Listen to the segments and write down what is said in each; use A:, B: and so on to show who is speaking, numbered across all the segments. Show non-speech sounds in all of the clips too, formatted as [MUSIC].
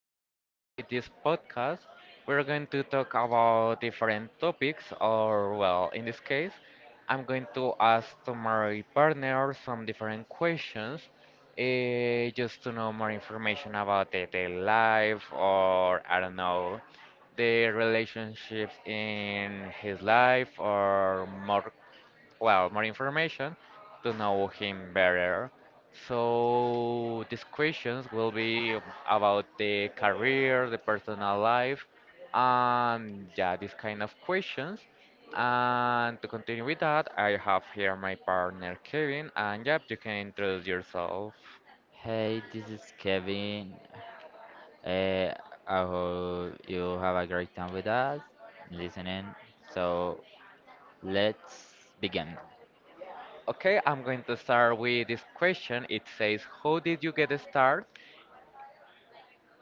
A: to continue with this podcast, we're going to talk about different topics, or, well, in this case, I'm going to ask to my partner some different questions just to know more information about the life, or I don't know, the relationships in his life, or more well, more information to know him better. So these questions will be about the career, the personal life, and yeah, these kind of questions. And to continue with that, I have here my partner Kevin, and yep, you can introduce yourself.
B: Hey, this is Kevin. Uh, I hope you have a great time with us listening. So let's begin.
A: Okay, I'm going to start with this question. It says, how did you get started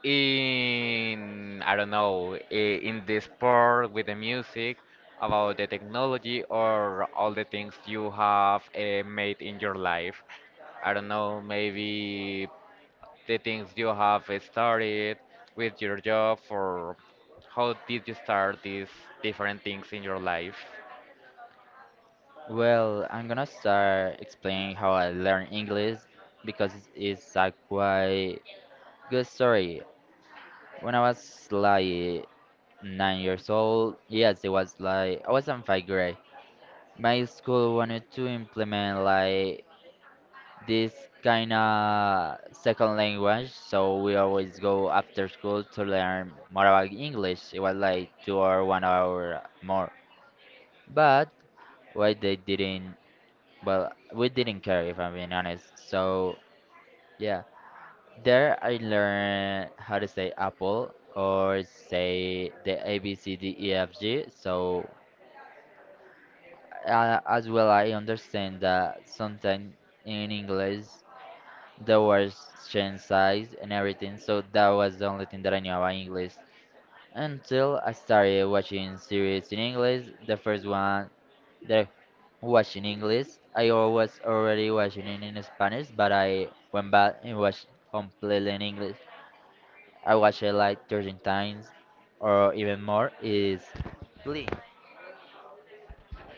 A: in I don't know in the sport with the music about the technology or all the things you have made in your life. I don't know, maybe the things you have started with your job, or how did you start these different things in your life?
B: Well, I'm gonna start explaining how I learned English because it's a quite good story. When I was like 9 years old, yes, it was like I was in 5th grade. My school wanted to implement like this kind of second language, so we always go after school to learn more about English. It was like 2 or 1 hour more. But why they didn't? Well, we didn't care if I'm being honest. So yeah, there I learned how to say apple or say the A B C D E F G. So as well, I understand that sometimes in English the words changed size and everything, so that was the only thing that I knew about English. Until I started watching series in English, the first one that I watched in English, I was already watching it in Spanish, but I went back and watched completely in English. I watched it like 13 times or even more. Is Glee.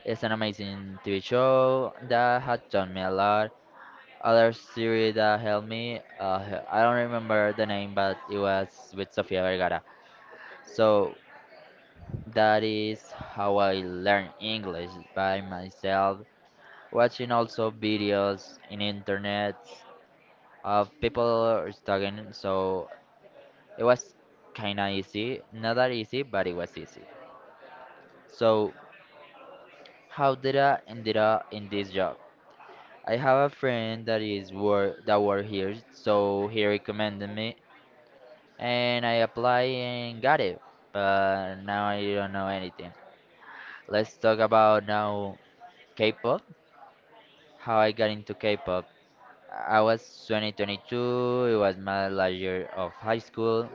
B: It's an amazing TV show that had taught me a lot. Other series that helped me, I don't remember the name, but it was with Sofia Vergara. So that is how I learned English by myself, watching also videos in internet of people studying. So it was kinda easy, not that easy, but it was easy. So how did I ended up in this job? I have a friend that work here, so he recommended me and I applied and got it. But now I don't know anything. Let's talk about now K-pop. How I got into K-pop. I was 2022. It was my last year of high school.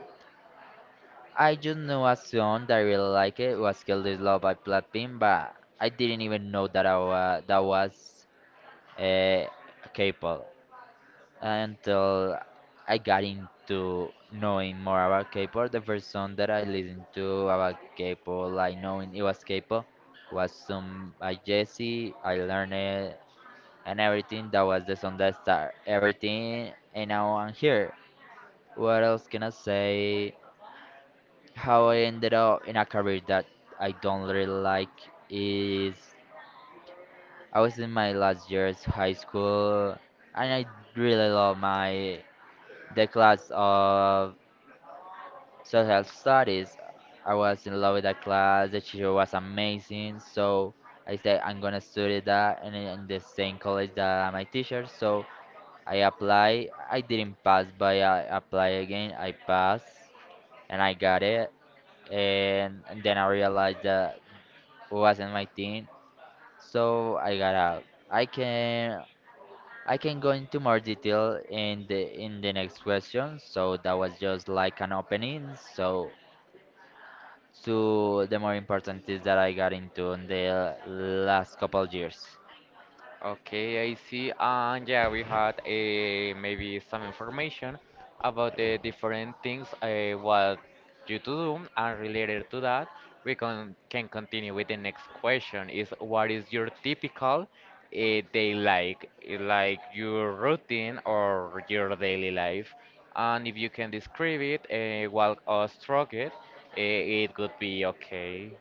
B: I just knew a song that I really like it. It was "Kill This Love" by Blackpink, but I didn't even know that that was uh, K-pop. Until I got into knowing more about K-pop. The first song that I listened to about K-pop, like knowing it was K-pop, was some by Jesse. I learned it and everything. That was the song that started everything, and now I'm here. What else can I say? How I ended up in a career that I don't really like is I was in my last year's high school, and I really love my the class of social studies. I was in love with that class. The teacher was amazing. So I said I'm gonna study that and in the same college that my teacher. So I apply. I didn't pass, but I apply again. I passed and I got it. And then I realized that it wasn't my thing. So I got out. I can I can go into more detail in the next question. So that was just like an opening. So the more important is that I got into in the last couple years.
A: Okay, I see. And yeah, we had maybe some information about the different things what you to do, and related to that, we can continue with the next question. Is what is your typical day like, like your routine or your daily life? And if you can describe it, walk us through it, it could be okay.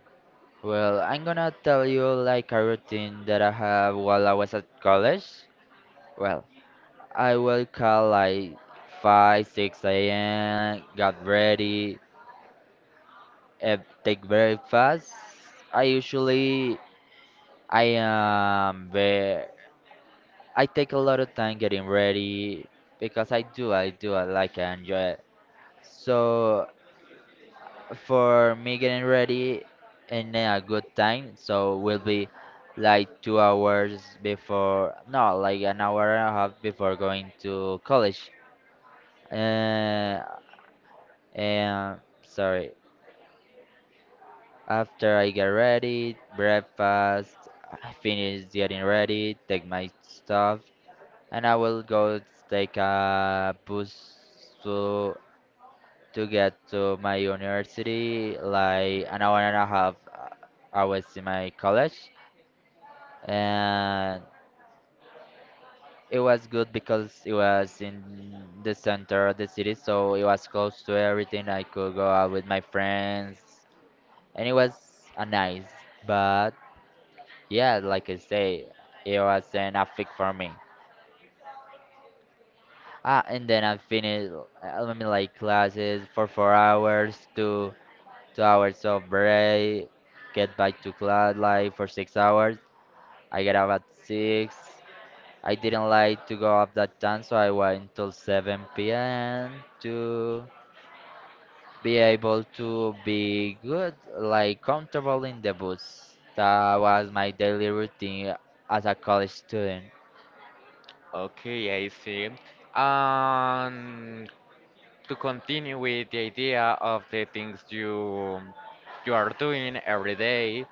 B: Well, I'm gonna tell you like a routine that I have while I was at college. Well, I wake up like 5, 6 a.m., got ready, eh, take breakfast. I usually, I am very, I take a lot of time getting ready because I do, I do, I like, I enjoy it. So for me getting ready in a good time. So we'll be like 2 hours before, no, like 1 hour and a half before going to college. Uh, and sorry, after I get ready, breakfast, I finish getting ready, take my stuff, and I will go take a bus to get to my university, like 1 hour and a half. I was in my college, and it was good because it was in the center of the city, so it was close to everything. I could go out with my friends, and it was a nice. But yeah, like I say, it was an epic for me. Ah, and then I finished, I mean, like classes for 4 hours to 2 hours of break, get back to class like for 6 hours. I get up at six. I didn't like to go up that time, so I went till 7 p.m. to be able to be good, like comfortable in the boots. That was my daily routine as a college student.
A: Okay, I see. And to continue with the idea of the things you are doing every day,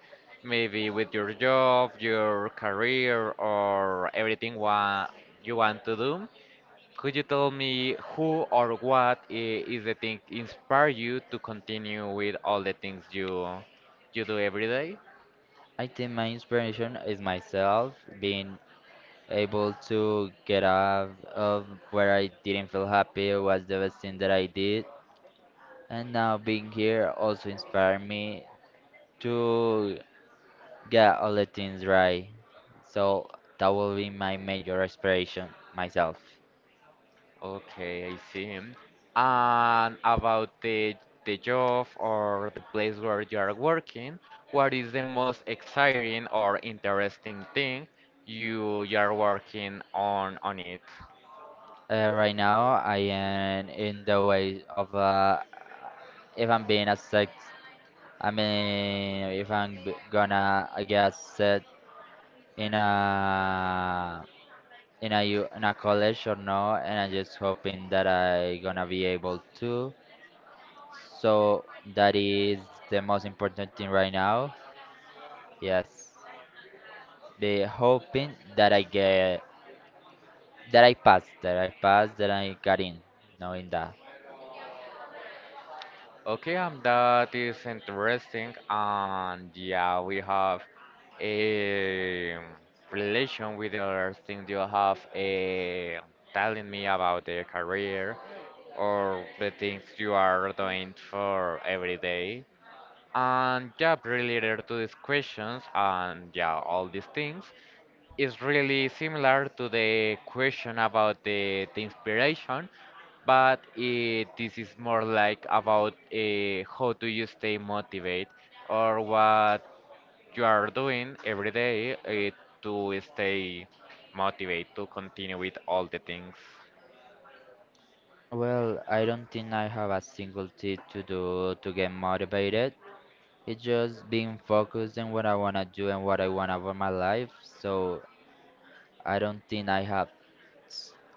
A: maybe with your job, your career, or everything you want to do. Could you tell me who or what is the thing inspire you to continue with all the things you do every day?
B: I think my inspiration is myself being able to get out of where I didn't feel happy was the best thing that I did. And now being here also inspired me to get all the things right. So that will be my major inspiration myself.
A: Okay, I see. And about the job or the place where you are working, what is the most exciting or interesting thing you are working on it?
B: Right now I am in the way of if I'm being accepted. I mean, if I'm b- gonna I guess set in a in a college or no, and I'm just hoping that I gonna be able to. So that is the most important thing right now. Yes. The hoping that I get that I pass, that I got in, knowing that.
A: Okay, that is interesting, and yeah, we have a relation with the other thing you have a telling me about the career or the things you are doing for every day. And yeah, related to these questions and yeah, all these things is really similar to the question about the inspiration, but this is more like about how do you stay motivated or what you are doing every day to stay motivated to continue with all the things.
B: Well, I don't think I have a single thing to do to get motivated. It's just being focused on what I wanna do and what I want over my life. So I don't think I have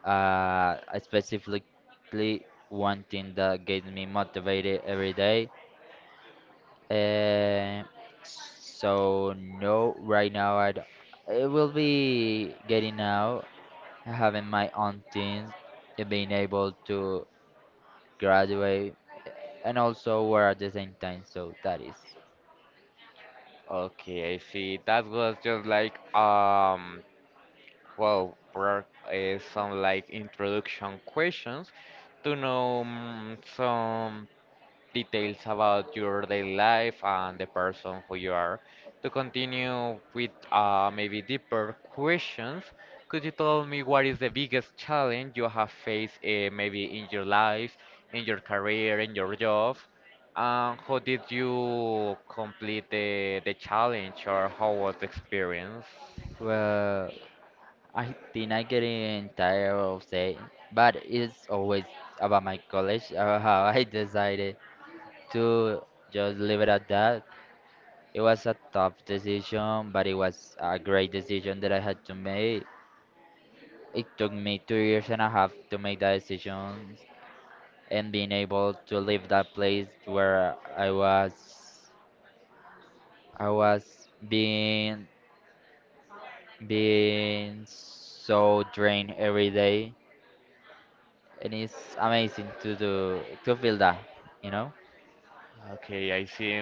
B: a specifically one thing that gets me motivated every day. Uh, so no, right now I don't. It will be getting out, having my own teens, and being able to graduate, and also work at the same time. So that is.
A: Okay, I see. That was just like well, there is some like introduction questions to know some details about your daily life and the person who you are. To continue with maybe deeper questions, could you tell me what is the biggest challenge you have faced maybe in your life, in your career, in your job? And how did you complete the challenge, or how was the experience?
B: Well, I think I getting tired of saying, but it's always about my college, [LAUGHS] how I decided to just leave it at that. It was a tough decision, but it was a great decision that I had to make. It took me 2 years and a half to make that decision and being able to leave that place where I was being so drained every day and it's amazing to feel that, you know?
A: Okay, I see.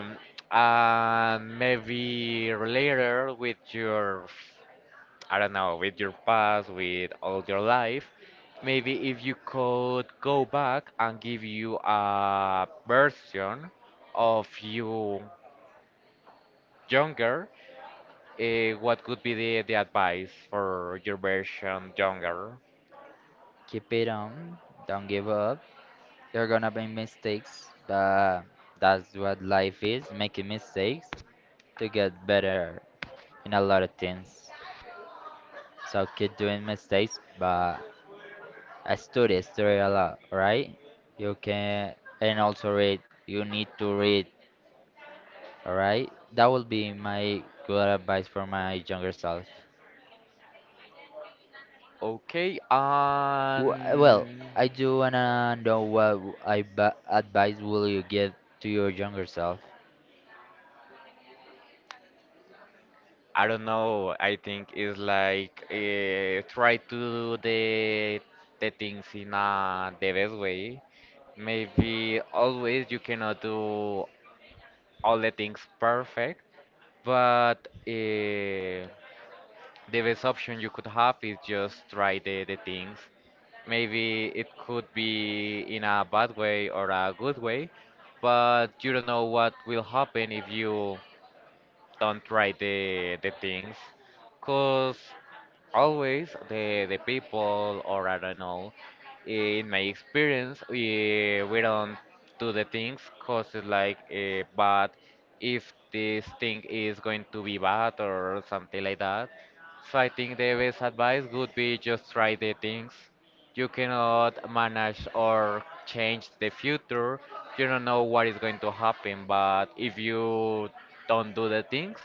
A: And maybe later with your, I don't know, with your past, with all your life, maybe if you could go back and give you a version of you younger, what could be the advice for your version younger?
B: Keep it on, don't give up. You're gonna make mistakes, but that's what life is, making mistakes to get better in a lot of things. So keep doing mistakes, but I study, study a lot, right? You can, and also read. You need to read, all right? That would be my good advice for my younger self.
A: Okay,
B: Well,
A: and
B: I do wanna know what w- I ba- advice will you give to your younger self?
A: I don't know. I think it's like try to do the things in the best way. Maybe always you cannot do all the things perfect, but the best option you could have is just try the things. Maybe it could be in a bad way or a good way, but you don't know what will happen if you don't try the things. Cause always the people or I don't know, in my experience we don't do the things cause it's like but if this thing is going to be bad or something like that, so I think the best advice would be just try the things. You cannot manage or change the future. You don't know what is going to happen, but if you don't do the things,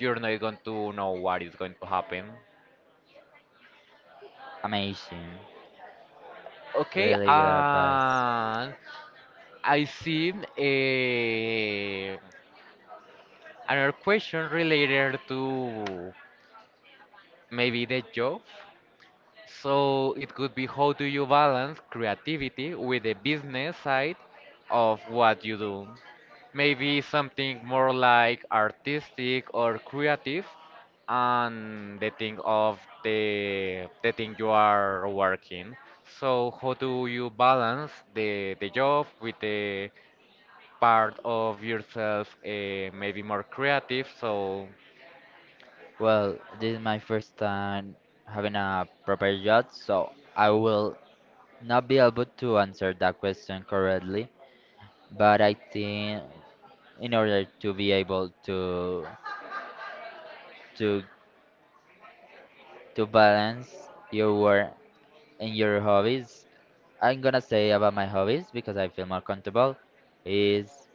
A: you're not going to know what is going to happen.
B: Amazing,
A: Okay,
B: really good advice.
A: and I see, another question related to maybe the job. So it could be, how do you balance creativity with the business side of what you do? Maybe something more like artistic or creative and the thing of the thing you are working. So how do you balance the job with the part of yourself, maybe more creative, so
B: Well, this is my first time having a proper job, so I will not be able to answer that question correctly. But I think in order to be able to to balance your work and your hobbies. I'm gonna say about my hobbies because I feel more comfortable is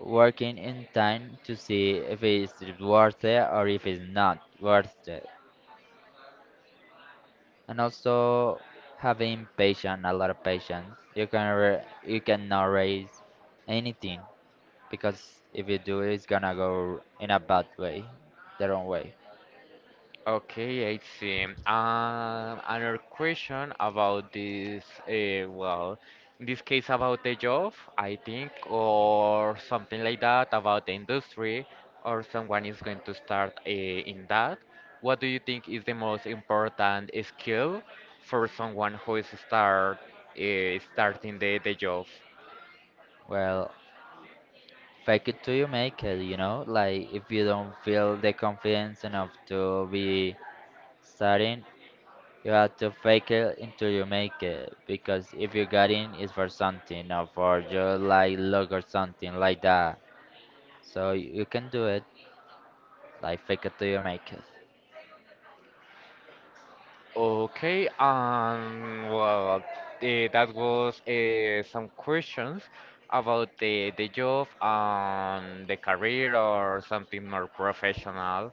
B: working in time to see if it's worth it or if it's not worth it. And also having patience, a lot of patience. You cannot raise anything because if you do it's gonna go in a bad way, the wrong way.
A: Okay, I see. Another question about this, well, in this case about the job, I think, or something like that, about the industry, or someone is going to start in that. What do you think is the most important skill for someone who is start starting the job?
B: Well, fake it till you make it, you know? Like if you don't feel the confidence enough to be starting, you have to fake it until you make it. Because if you got in, it's for something, not for your like luck or something like that. So you can do it, like fake it till you make it.
A: Okay, well, that was some questions about the job and the career or something more professional.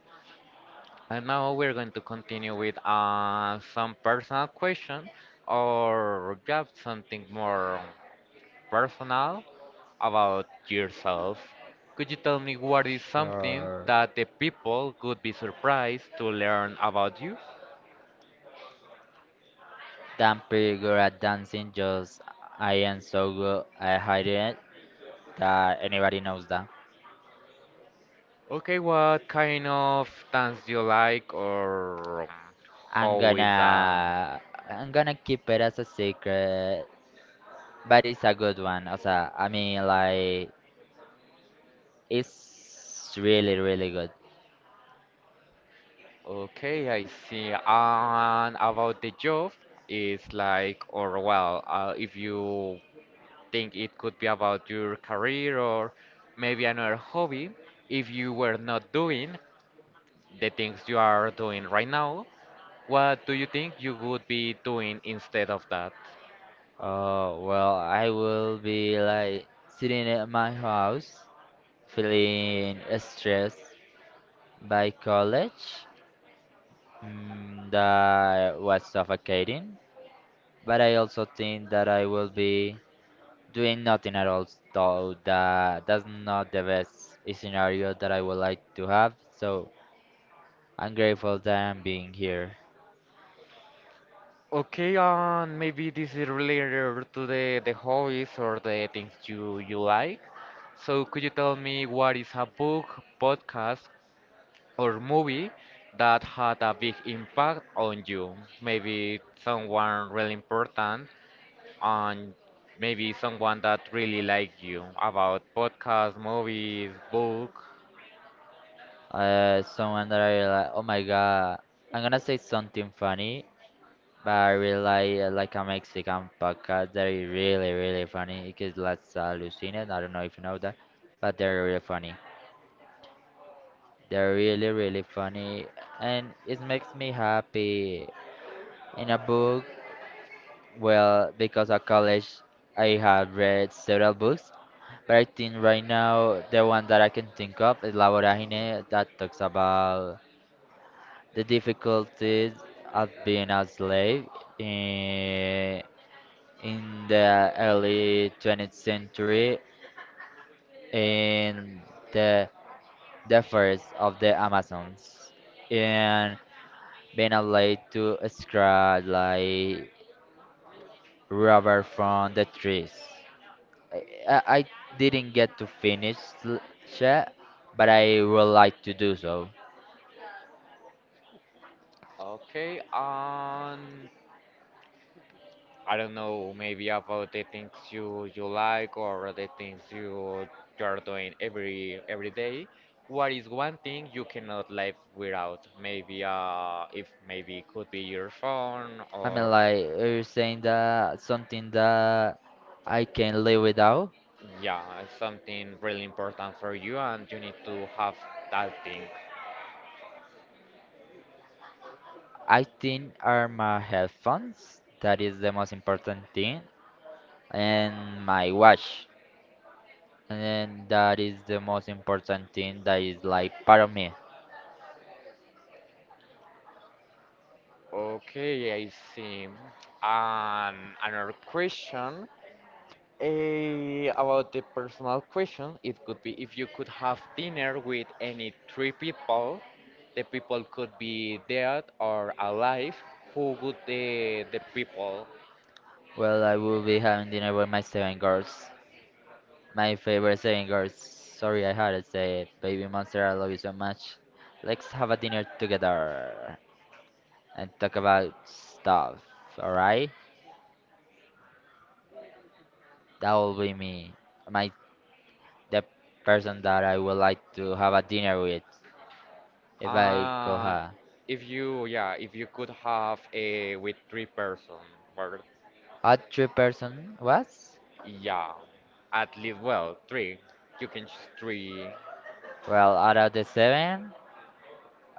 A: And now we're going to continue with some personal question, or yeah, something more personal about yourself. Could you tell me what is something
B: Sure.
A: that the people could be surprised to learn about you?
B: I'm pretty good at dancing, just I am so good at hiding it that anybody knows that.
A: Okay, what kind of dance do you like, or
B: I'm
A: how is that?
B: gonna I'm gonna keep it as a secret, but it's a good one. Also, I mean, like it's really really good.
A: Okay, I see. And about the job, it's like, or well, if you think it could be about your career, or maybe another hobby, if you were not doing the things you are doing right now, what do you think you would be doing instead of that?
B: Oh well, I will be like sitting at my house, feeling stressed by college mm, that was suffocating. But I also think that I will be doing nothing at all, so that that's not the best scenario that I would like to have. So I'm grateful that I'm being here.
A: Okay, maybe this is related to the hobbies or the things you like. So could you tell me what is a book, podcast, or movie that had a big impact on you? Maybe someone really important, and maybe someone that really liked you about podcast, movies, book.
B: Someone that I realize, oh my god, I'm gonna say something funny, but I really like a Mexican podcast that is really, really funny It's let's I don't know if you know that, but they're really funny. They're really, really funny, and it makes me happy. In a book, well, because of college, I have read several books, but I think right now the one that I can think of is La Vorágine that talks about the difficulties of being a slave in, in the early 20th century in the the forest of the Amazons and being allowed to extract like rubber from the trees. I didn't get to finish l- yet, but I would like to do so.
A: Okay, I don't know, maybe about the things you like or the things you're doing every day. What is one thing you cannot live without? Maybe if maybe it could be your phone,
B: I mean,
A: or
B: like you're saying that something that I can live without.
A: yeah, it's something really important for you and you need to have that thing.
B: I think are my headphones. That is the most important thing, and my watch. And that is the most important thing that is like part of me.
A: Okay, I see. Another question. About the personal question, it could be, if you could have dinner with any three people, the people could be dead or alive, who would the people?
B: Well, I will be having dinner with my 7 girls, my favorite 7 girls. Sorry, I had to say it. Baby monster, I love you so much. Let's have a dinner together and talk about stuff. All right? That will be me. My the person that I would like to have a dinner with if I could
A: And
B: have.
A: if you, yeah, if you could have a with three person, or
B: Odd three-person was?
A: yeah, at least well, three. You can choose three,
B: Well, out of the seven,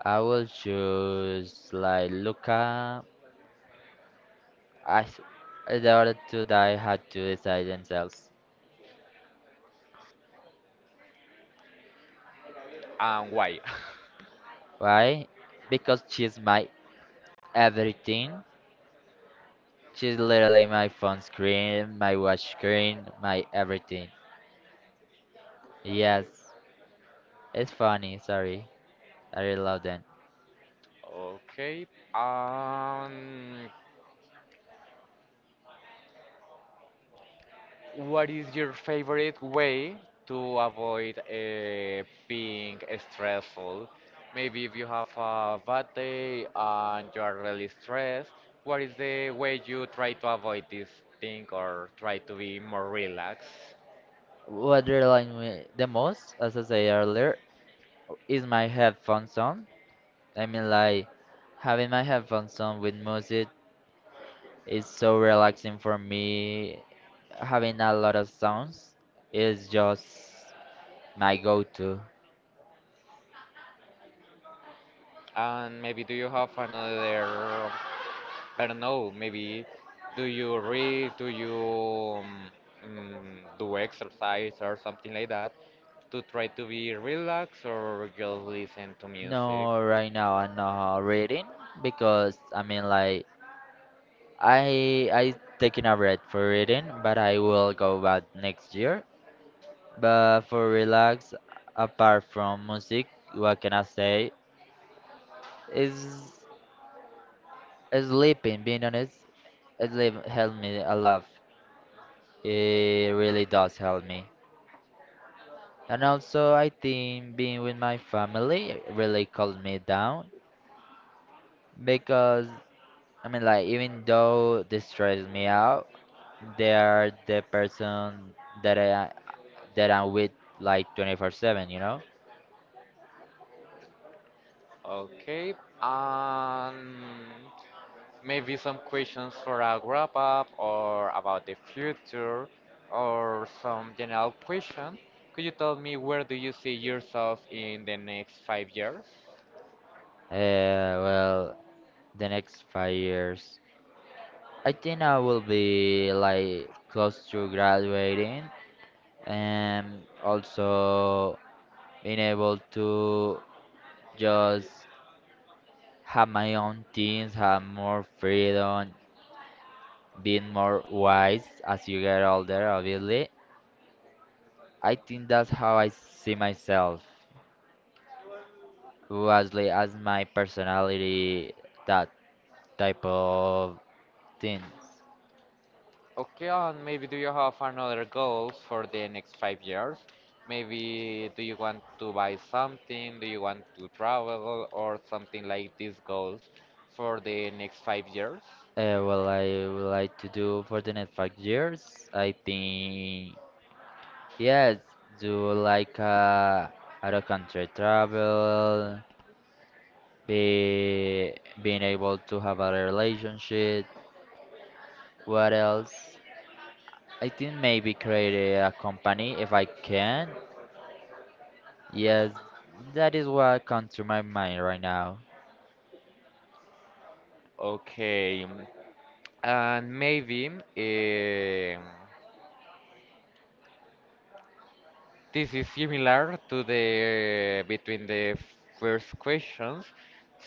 B: I will choose like Luca. I s- the other two that I had to decide themselves.
A: and why? [LAUGHS]
B: Why? Because she's my everything. She's literally my phone screen, my watch screen, my everything. Yes, it's funny. Sorry, I really love them.
A: Okay. Um, what is your favorite way to avoid being stressful? Maybe if you have a bad day and you are really stressed, what is the way you try to avoid this thing or try to be more relaxed?
B: What they remind me the most, as I said earlier, is my headphone song. I mean, like, having my headphones on with music is so relaxing for me. Having a lot of sounds is just my go-to.
A: And maybe do you have another, I don't know, maybe do you read, do you do exercise or something like that to try to be relaxed or just listen to music?
B: No, right now I'm not reading because I mean, like, I taking a break for reading, but I will go back next year. But for relax, apart from music, what can I say? Is sleeping. Being honest, sleep helped me a lot. It really does help me. And also, I think being with my family really calms me down because, I mean, like, even though they stress me out, they are the person that I'm with like 24/7, you know?
A: Okay, um, maybe some questions for a wrap up or about the future or some general question. Could you tell me where do you see yourself in the next 5 years?
B: Well, the next 5 years, I think I will be like close to graduating and also being able to just have my own things, have more freedom, being more wise as you get older, obviously. I think that's how I see myself, mostly as my personality, that type of things.
A: Okay, and maybe do you have another goals for the next 5 years? Maybe do you want to buy something? Do you want to travel or something like these goals for the next 5 years?
B: Well, I would like to do for the next 5 years. I think, yes, do like out of country travel, be being able to have a relationship. What else? I think maybe create a company if I can. Yes, that is what comes to my mind right now.
A: Okay, and maybe this is similar to the between the first questions.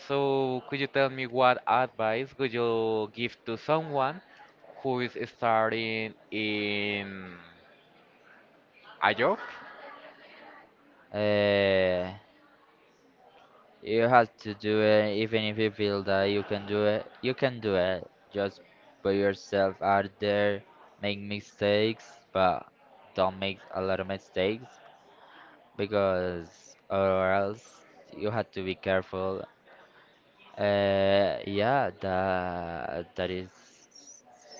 A: So could you tell me what advice would you give to someone who is starting in a job?
B: Uh, you have to do it, even if you feel that you can do it. You can do it. Just put yourself out there, make mistakes, but don't make a lot of mistakes because or else you have to be careful. Yeah, that is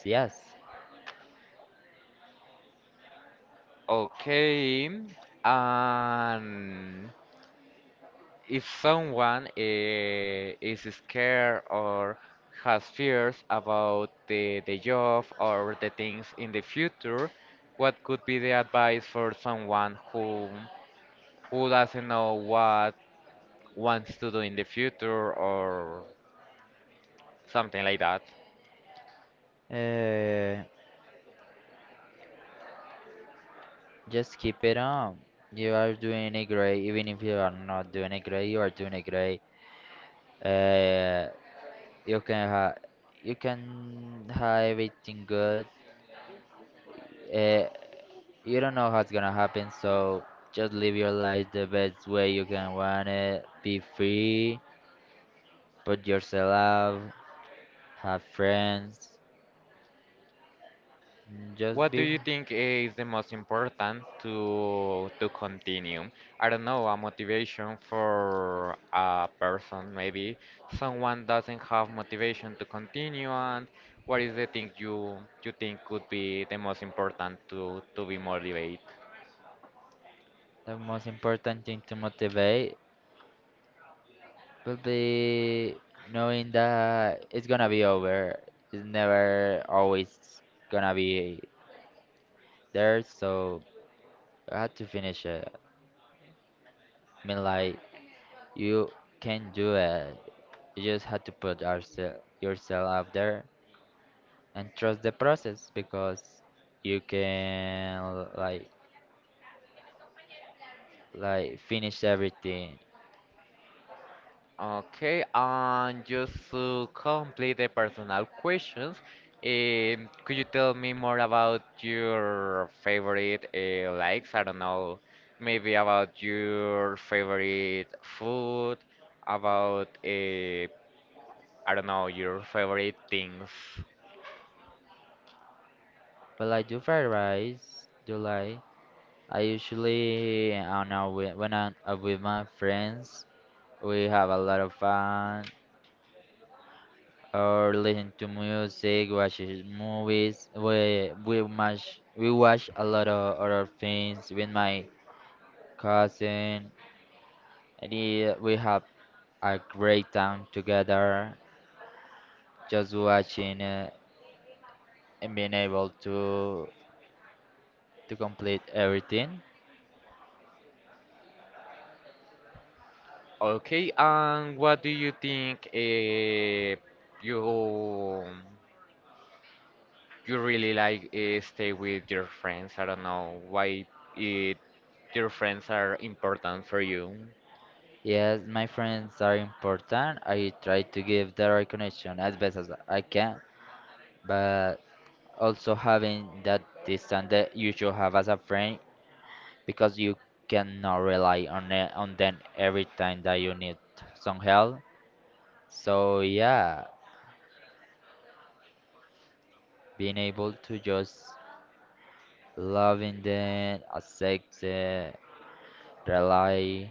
B: yes.
A: Okay, and if someone is scared or has fears about the job or the things in the future, what could be the advice for someone who doesn't know what wants to do in the future or something like that?
B: Uh, Just keep it on. You are doing it great. Even if you are not doing it great, you are doing it great. Uh, you can ha you can have everything good. Uh, you don't know what's gonna happen, so just live your life the best way you can want it. Be free. Put yourself out. Have friends. Just
A: What do
B: be
A: you think is the most important to continue? I don't know, a motivation for a person, maybe someone doesn't have motivation to continue, and what is the thing you think could be the most important to be motivated?
B: the most important thing to motivate. But the knowing that it's gonna be over, it's never always gonna be there, so I had to finish it. I mean, like, you can do it. You just had to yourself out there and trust the process because you can like like finish everything.
A: Okay, and just to complete the personal questions, could you tell me more about your favorite likes? I don't know, maybe about your favorite food, about I don't know, your favorite things.
B: But like do fried rice, do like I usually I don't know when I'm with my friends. We have a lot of fun or listen to music, watches movies. We watch a lot of other things with my cousin. And yeah, we have a great time together, just watching and being able to complete everything.
A: Okay, and what do you think you you really like stay with your friends? I don't know why it Your friends are important for you.
B: Yes, my friends are important. I try to give the recognition as best as I can, but also having that distance that you should have as a friend because you cannot rely on it, on them every time that you need some help. So yeah, being able to just loving them, accept it, rely,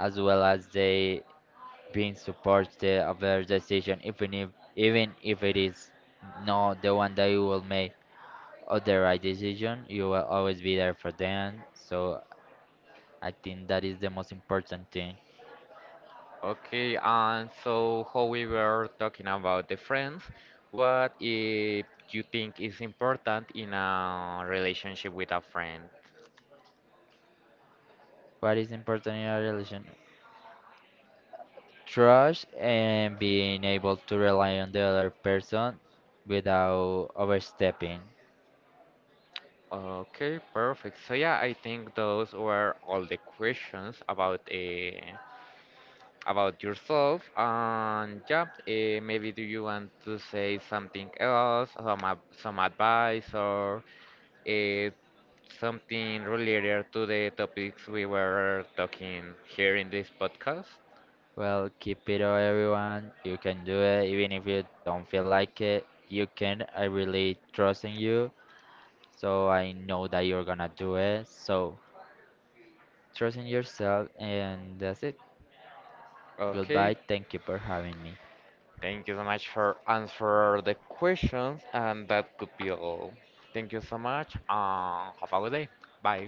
B: as well as they being supported of their decision, even if it is not the one that you will make or the right decision, you will always be there for them. So I think that is the most important thing.
A: Okay, and so how we were talking about the friends, what if you think is important in a relationship with a friend?
B: What is important in a relation? Trust and being able to rely on the other person without overstepping.
A: Okay, perfect. So yeah, I think those were all the questions about yourself. And yeah, maybe do you want to say something else, some some advice or uh, something related to the topics we were talking here in this podcast.
B: Well, keep it up, everyone. You can do it, even if you don't feel like it. You can. I really trust in you, so I know that you're gonna do it. So, trust in yourself, and that's it.
A: Okay,
B: Goodbye. Thank you for having me.
A: thank you so much for answer the questions, and that could be all. Thank you so much, and have a good day. Bye.